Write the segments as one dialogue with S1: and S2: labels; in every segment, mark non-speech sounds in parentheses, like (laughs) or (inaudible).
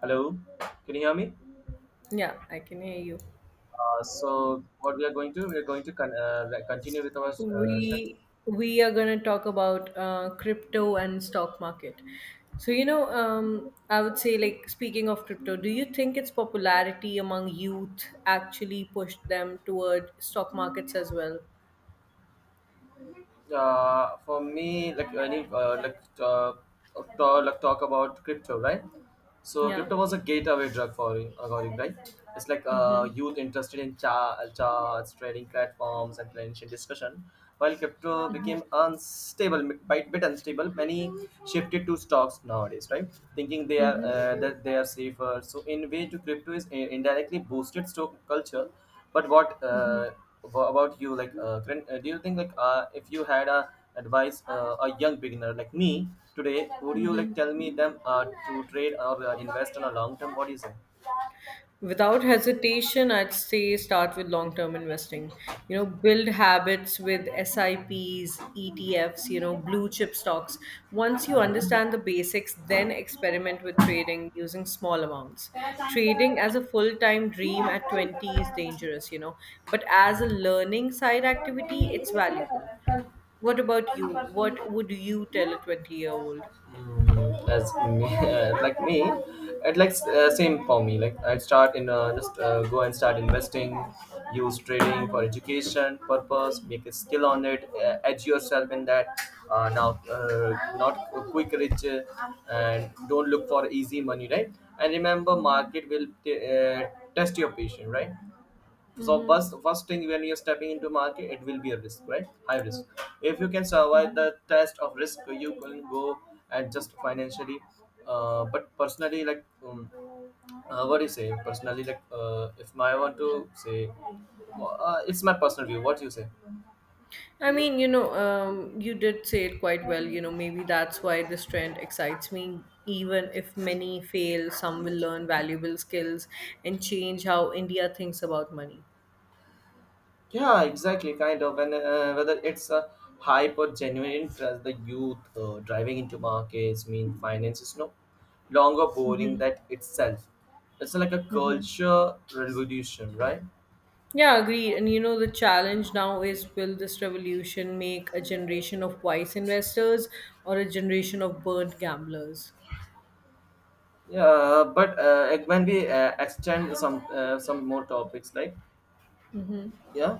S1: Hello, can you hear me?
S2: Yeah, I can hear you.
S1: So what we are going to continue with our
S2: We are going to talk about crypto and stock market. So I would say like speaking of crypto, do you think its popularity among youth actually pushed them toward stock markets as well?
S1: For me, like any like talk, talk about crypto, right? So
S2: Yeah.
S1: crypto was a gateway drug for according, right? It's like
S2: Mm-hmm.
S1: youth interested in charts, trading platforms, and financial discussion. While crypto
S2: Mm-hmm.
S1: became unstable, quite bit unstable, many shifted to stocks nowadays, right? Thinking they are
S2: Mm-hmm.
S1: uh, that they are safer. So in way to crypto is indirectly boosted stock culture, but
S2: Mm-hmm.
S1: about you? Like, do you think if you had a advice a young beginner like me today, would you like tell me them to trade or invest on a long term? What do you say?
S2: Without hesitation, I'd say start with long term investing. Build habits with SIPs, ETFs, blue chip stocks. Once you
S1: Mhm.
S2: understand the basics, then experiment with trading using small amounts. Trading as a full time dream at 20 is dangerous, but as a learning side activity, it's valuable. What about you? What would you tell a 20-year-old?
S1: As me (laughs) like me, it like same for me, like I'd start in just go and start investing, use trading for education purpose, make a skill on it, edge yourself in that. Now uh, Not a quick rich, and don't look for easy money, right? And remember, market will test your patience, right? So first thing when you're stepping into market, it will be a risk, right? High risk. If you can survive the test of risk, you can go and just financially. But personally, what do you say personally, if I want to say, it's my personal view. What do you say?
S2: I mean, you did say it quite well. Maybe that's why this trend excites me. Even if many fail, some will learn valuable skills and change how India thinks about money.
S1: Yeah, exactly, kind of. And whether it's a hype or genuine interest, the youth driving into markets, mean finance is no longer boring, that itself. It's like a culture revolution, right?
S2: Yeah, agreed. And the challenge now is, will this revolution make a generation of wise investors or a generation of burnt gamblers?
S1: Yeah, but when we extend some more topics, like yeah.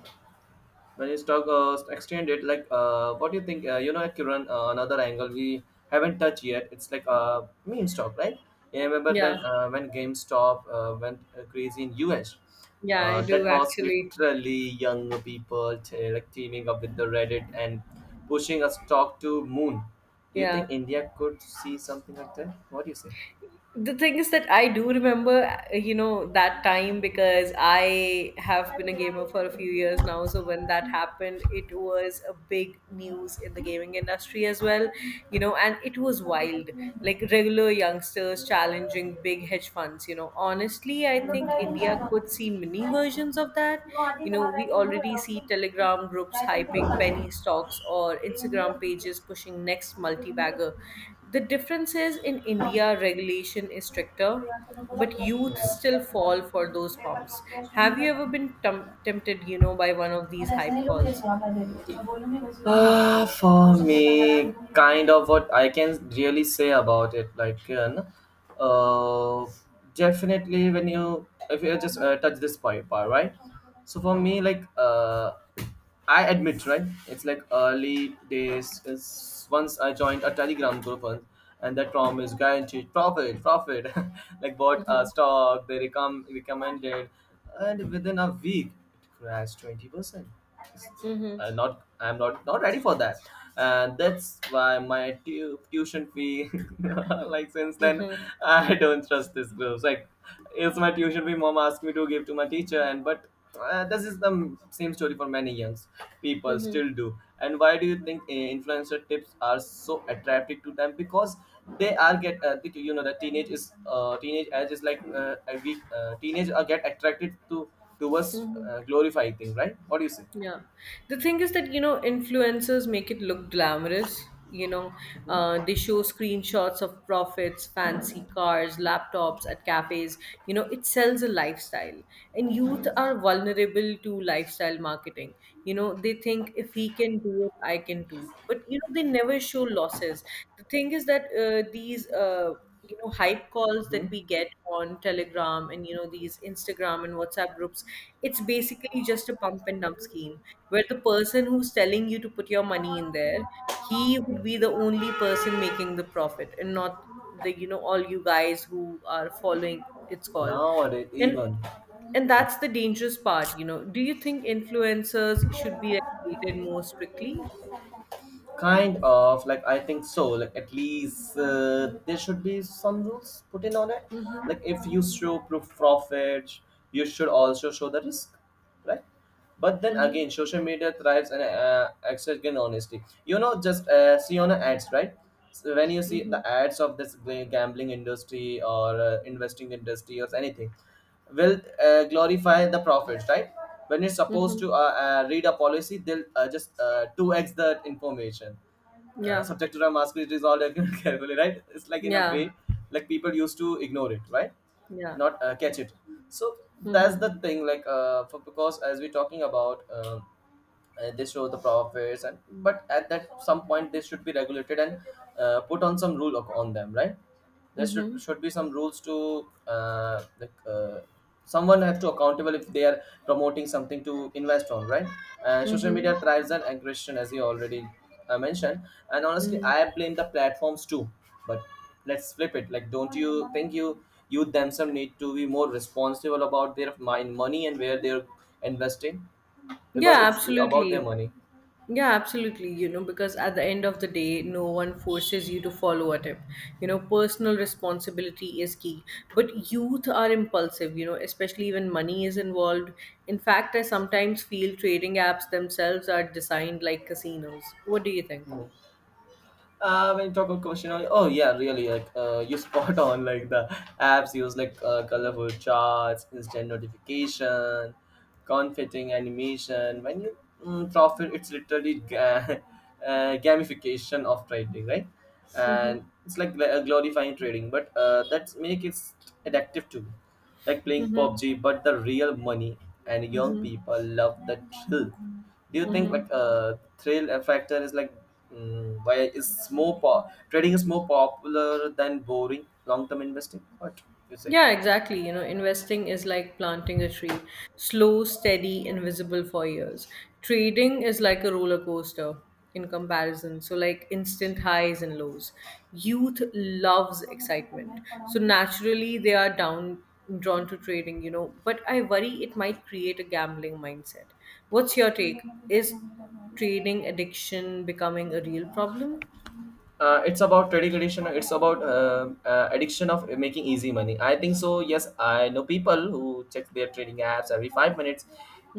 S1: When you talk extended, like what do you think, you know, Kiran, another angle we haven't touched yet, it's like meme stock, right? Yeah, I remember then
S2: Yeah,
S1: when GameStop went crazy in US.
S2: yeah, I
S1: That
S2: do
S1: was
S2: actually.
S1: literally young people like teaming up with the Reddit and pushing a stock to moon. Do you
S2: Yeah.
S1: think India could see something like that? What do you say?
S2: The thing is that I do remember, that time, because I have been a gamer for a few years now. So when that happened, it was a big news in the gaming industry as well, and it was wild. Like regular youngsters challenging big hedge funds. Honestly, I think India could see mini versions of that. We already see Telegram groups hyping penny stocks or Instagram pages pushing next multi bagger. The difference is, in India, regulation is stricter, but youth still fall for those pumps. Have you ever been tempted, by one of these hype calls?
S1: Ah, for me, kind of what I can really say about it, uh, definitely when you, if you just touch this point, part, right? So for me, I admit, right? It's like early days. Is once I joined a Telegram group, once, and that prom is guaranteed profit. (laughs) Like, bought a
S2: Mm-hmm,
S1: stock, they recommended, and within a week it crashed 20%.
S2: mm-hmm,
S1: Not I'm not ready for that, and that's why my tuition fee. (laughs) Like, since then,
S2: mm-hmm,
S1: (laughs) I don't trust this group. Like, it's my tuition fee. Mom asked me to give to my teacher, and but this is the same story for many young people
S2: mm-hmm,
S1: still do. And why do you think influencer tips are so attractive to them? Because they are get you know, the teenage is teenage age is like we teenage are get attracted to towards
S2: mm-hmm.
S1: glorifying thing, right? What do you say?
S2: Yeah. The thing is that, influencers make it look glamorous. They show screenshots of profits, fancy cars, laptops at cafes. It sells a lifestyle. And youth are vulnerable to lifestyle marketing. They think if he can do it, I can too. But, they never show losses. The thing is that these hype calls that
S1: Hmm.
S2: we get on Telegram, and these Instagram and WhatsApp groups, it's basically just a pump and dump scheme, where the person who's telling you to put your money in there, he would be the only person making the profit, and not the all you guys who are following its call.
S1: Nowadays,
S2: and
S1: even,
S2: and
S1: yeah,
S2: that's the dangerous part. Do you think influencers should be regulated more strictly?
S1: kind of. Like I think so. Like at least there should be some rules put in on it. Like
S2: Mm-hmm,
S1: if you show proof profit, you should also show the risk, right? But then
S2: mm-hmm,
S1: again, social media thrives and exerting honesty. You know, just see on the ads, right? So when you see
S2: mm-hmm,
S1: the ads of this gambling industry or investing industry or anything, will glorify the prophets, right? When you're supposed
S2: mm-hmm.
S1: to read a policy, they'll just 2x the information.
S2: Yeah.
S1: Subject to the mask, it is all (laughs) carefully, right? It's like in a
S2: Yeah.
S1: way, like people used to ignore it, right?
S2: Yeah.
S1: Not catch it. So that's
S2: Mhm.
S1: the thing, for, because as we're talking about, they show the profits and but at that some point they should be regulated and put on some rule on them, right? There should
S2: Mhm.
S1: should be some rules to uh, like uh, someone have to accountable if they are promoting something to invest on, right? Social
S2: Mhm.
S1: media thrives on aggression, as you already mentioned, and honestly
S2: Mhm.
S1: I blame the platforms too. But let's flip it. Like, don't you think you youth themselves need to be more responsible about their mind money and where they're investing? Because
S2: Yeah,
S1: it's about their
S2: absolutely.
S1: money.
S2: Yeah, absolutely. Because at the end of the day, no one forces you to follow a tip. Personal responsibility is key. But youth are impulsive, especially when money is involved. In fact, I sometimes feel trading apps themselves are designed like casinos. What do you think?
S1: Mm. When you talk about commercial, oh yeah, really, like you (laughs) spot on. Like the apps use like colorful charts, instant notification, confitting animation. When you mm, profit, it's literally (laughs) gamification of trading, right?
S2: Mm-hmm.
S1: And it's like glorifying trading, but that's make it addictive too. Like playing
S2: Mm-hmm.
S1: PUBG, but the real money and young people love the thrill. Do you think
S2: Mm-hmm.
S1: like thrill factor is like mm, why is trading is more popular than boring long term investing? What you say?
S2: Yeah, exactly. Investing is like planting a tree, slow, steady, invisible for years. Trading is like a roller coaster in comparison, so like instant highs and lows. Youth loves excitement, so naturally they are down drawn to trading, but I worry it might create a gambling mindset. What's your take? Is trading addiction becoming a real problem?
S1: It's about trading addiction, it's about addiction of making easy money. I think so, yes. I know people who check their trading apps every 5 minutes,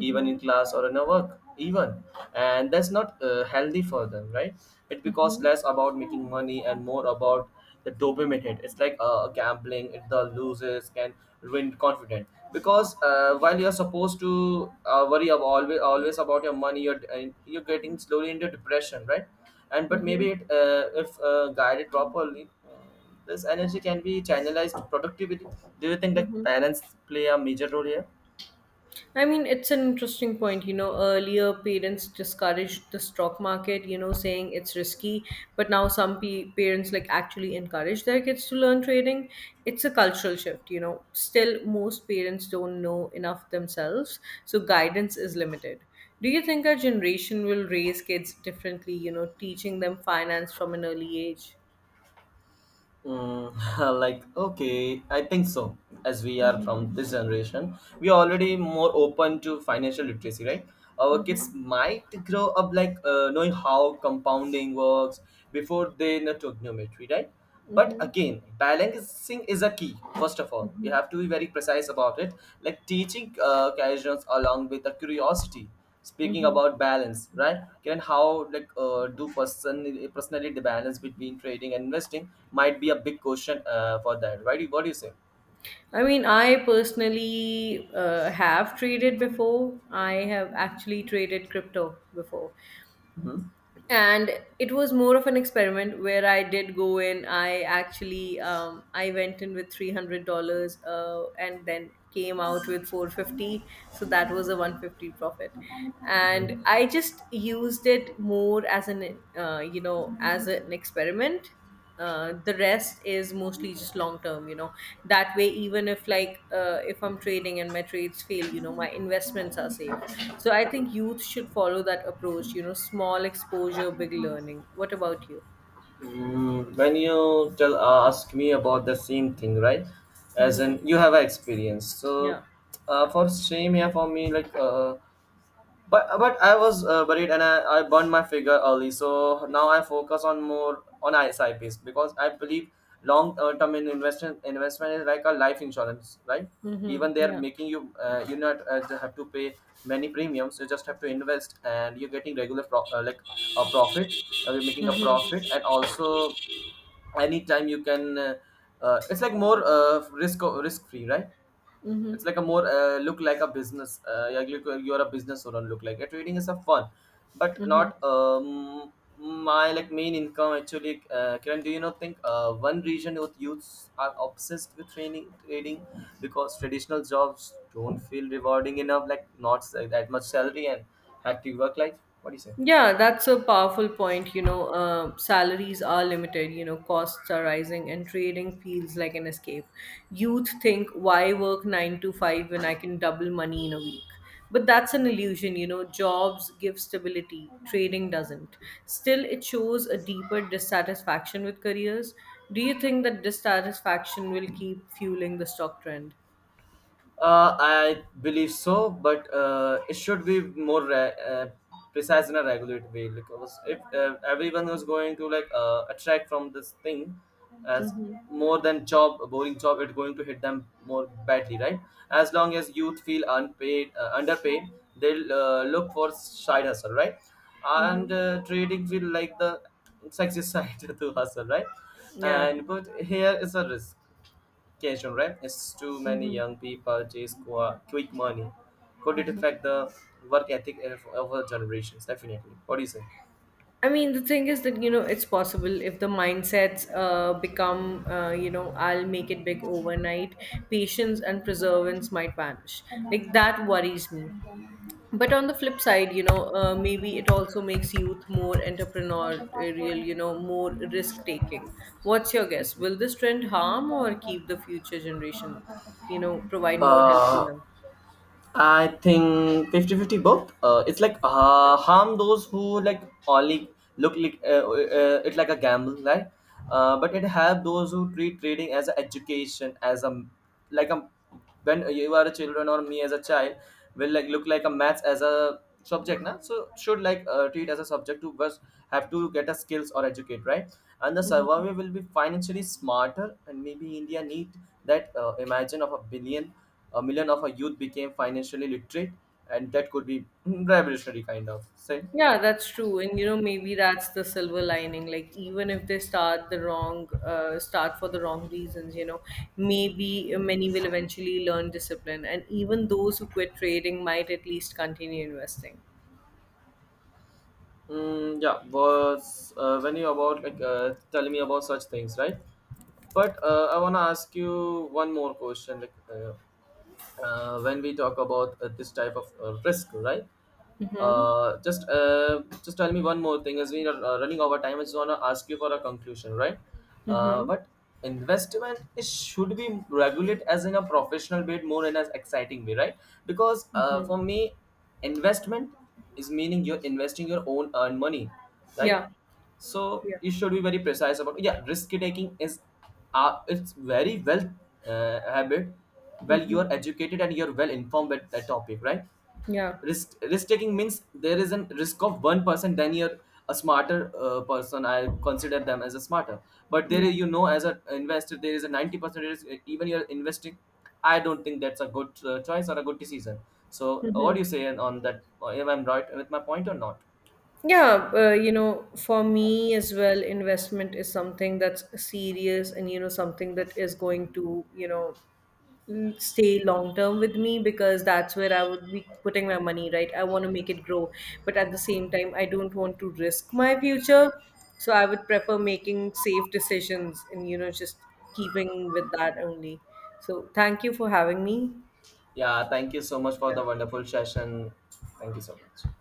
S1: even in class or in a work even, and that's not healthy for them, right? It becomes less about making money and more about the dopamine hit. It's like gambling it, the losers can ruin confidence because while you're supposed to worry about always about your money, you're getting slowly into depression, right? And but maybe
S2: Mm-hmm.
S1: it if guided properly, this energy can be channelized productively. Do you think that
S2: Mm-hmm.
S1: parents play a major role here?
S2: I mean, it's an interesting point. Earlier, parents discouraged the stock market, saying it's risky, but now some parents like actually encourage their kids to learn trading. It's a cultural shift. Still, most parents don't know enough themselves, so guidance is limited. Do you think our generation will raise kids differently, teaching them finance from an early age?
S1: Mm, (laughs) like okay, I think so. As we are
S2: Mm-hmm.
S1: from this generation, we are already more open to financial literacy, right? Our kids
S2: Mm-hmm.
S1: might grow up like knowing how compounding works before they know trigonometry, right? But again, balancing is a key. First of all, we
S2: Mm-hmm.
S1: have to be very precise about it, like teaching casuals along with the curiosity. Speaking
S2: Mm-hmm.
S1: about balance, right? Can how like do personally the balance between trading and investing might be a big question for that, right? What do you say?
S2: I mean, I personally have traded before. I have actually traded crypto before.
S1: Mhm.
S2: And it was more of an experiment where I did go in. I went in with $300 and then came out with 450. So that was a 150 profit. And I just used it more as an experiment. The rest is mostly just long term. That way, even if I'm trading and my trades fail, my investments are safe. So I think youth should follow that approach, small exposure, big learning. What about you?
S1: Mm, when you tell ask me about the same thing, right? As
S2: Mm-hmm.
S1: in you have an experience, so
S2: Yeah.
S1: for same, yeah, for me like but but I was worried and I burned my figure early, so now I focus on more on SIPs because I believe long term in investment investment is like a life insurance, right?
S2: Mm-hmm.
S1: Even they are
S2: Yeah.
S1: making you you not just have to pay many premiums. You just have to invest, and you're getting regular like a profit. You're making a
S2: Mm-hmm.
S1: profit, and also anytime you can. It's like more risk free, right?
S2: Mm-hmm.
S1: It's like a more look like a business, yeah, look, you're a business owner, look like a trading is a fun but
S2: Mm-hmm.
S1: not my like main income actually. Kiran, do you not think one region with youths are obsessed with training trading because traditional jobs don't feel rewarding enough, like not that much salary and active work life? What do you say?
S2: Yeah, that's a powerful point. Salaries are limited, costs are rising, and trading feels like an escape. Youth think, why work nine to five when I can double money in a week? But that's an illusion. Jobs give stability, trading doesn't. Still, it shows a deeper dissatisfaction with careers. Do you think that dissatisfaction will keep fueling the stock trend?
S1: I believe so, but it should be more precise in a regulate way, because if everyone was going to like attract from this thing as
S2: Mm-hmm.
S1: more than job a boring job, it's going to hit them more badly, right? As long as youth feel underpaid, they'll look for side hustle, right? And
S2: Mm-hmm.
S1: trading feel like the sexy side (laughs) to hustle, right?
S2: Yeah.
S1: And but here is a risk education, right? It's too many
S2: Mm-hmm.
S1: young people chase quick money. Could it affect the work ethic of our generations? Definitely. What do you say?
S2: I mean, the thing is that, it's possible if the mindsets become, I'll make it big overnight, patience and perseverance might vanish. Like, that worries me. But on the flip side, maybe it also makes youth more entrepreneurial, more risk taking. What's your guess? Will this trend harm or keep the future generation, provide more help to
S1: Uh,
S2: them?
S1: I think 50-50 both. It's like harm those who like only look like it like a gamble, right? But it have those who treat trading as an education, as a like a when you are a children or me as a child, will like look like a maths as a subject, na? So should like treat as a subject to first have to get a skills or educate, right? And the survivor will be financially smarter, and maybe India need that imagine of a billion, a million of our youth became financially literate, and that could be mm, revolutionary kind of say.
S2: Yeah, that's true. And maybe that's the silver lining. Like, even if they start for the wrong reasons, maybe many will eventually learn discipline. And even those who quit trading might at least continue investing.
S1: Mm, yeah, was when you about like telling me about such things, right? But I want to ask you one more question. Like, when we talk about this type of risk, right? Just tell me one more thing. As we are running over time, I just want to ask you for a conclusion, right?
S2: Mm-hmm.
S1: But investment is, should be regulated as in a professional way, more in as exciting way, right? Because
S2: Hmm.
S1: for me, investment is meaning you're investing your own earned money, right?
S2: Yeah.
S1: So
S2: Yeah.
S1: you should be very precise about, yeah, risk taking is it's very well habit, well you
S2: Mm-hmm.
S1: are educated and you're well informed at that topic, right?
S2: Yeah.
S1: Risk taking means there is a risk of one person, then you're a smarter person, I consider them as a smarter. But there
S2: Yeah.
S1: is- you know, as an investor there is a 90% risk, even you're investing, I don't think that's a good choice or a good decision. So what do you say on that? If I'm right with my point or not?
S2: Yeah, for me as well, investment is something that's serious and, something that is going to, stay long term with me, because that's where I would be putting my money, right? I want to make it grow, but at the same time, I don't want to risk my future. So I would prefer making safe decisions and, just keeping with that only. So thank you for having me.
S1: Yeah, thank you so much for the
S2: Yeah.
S1: wonderful session. Thank you so much.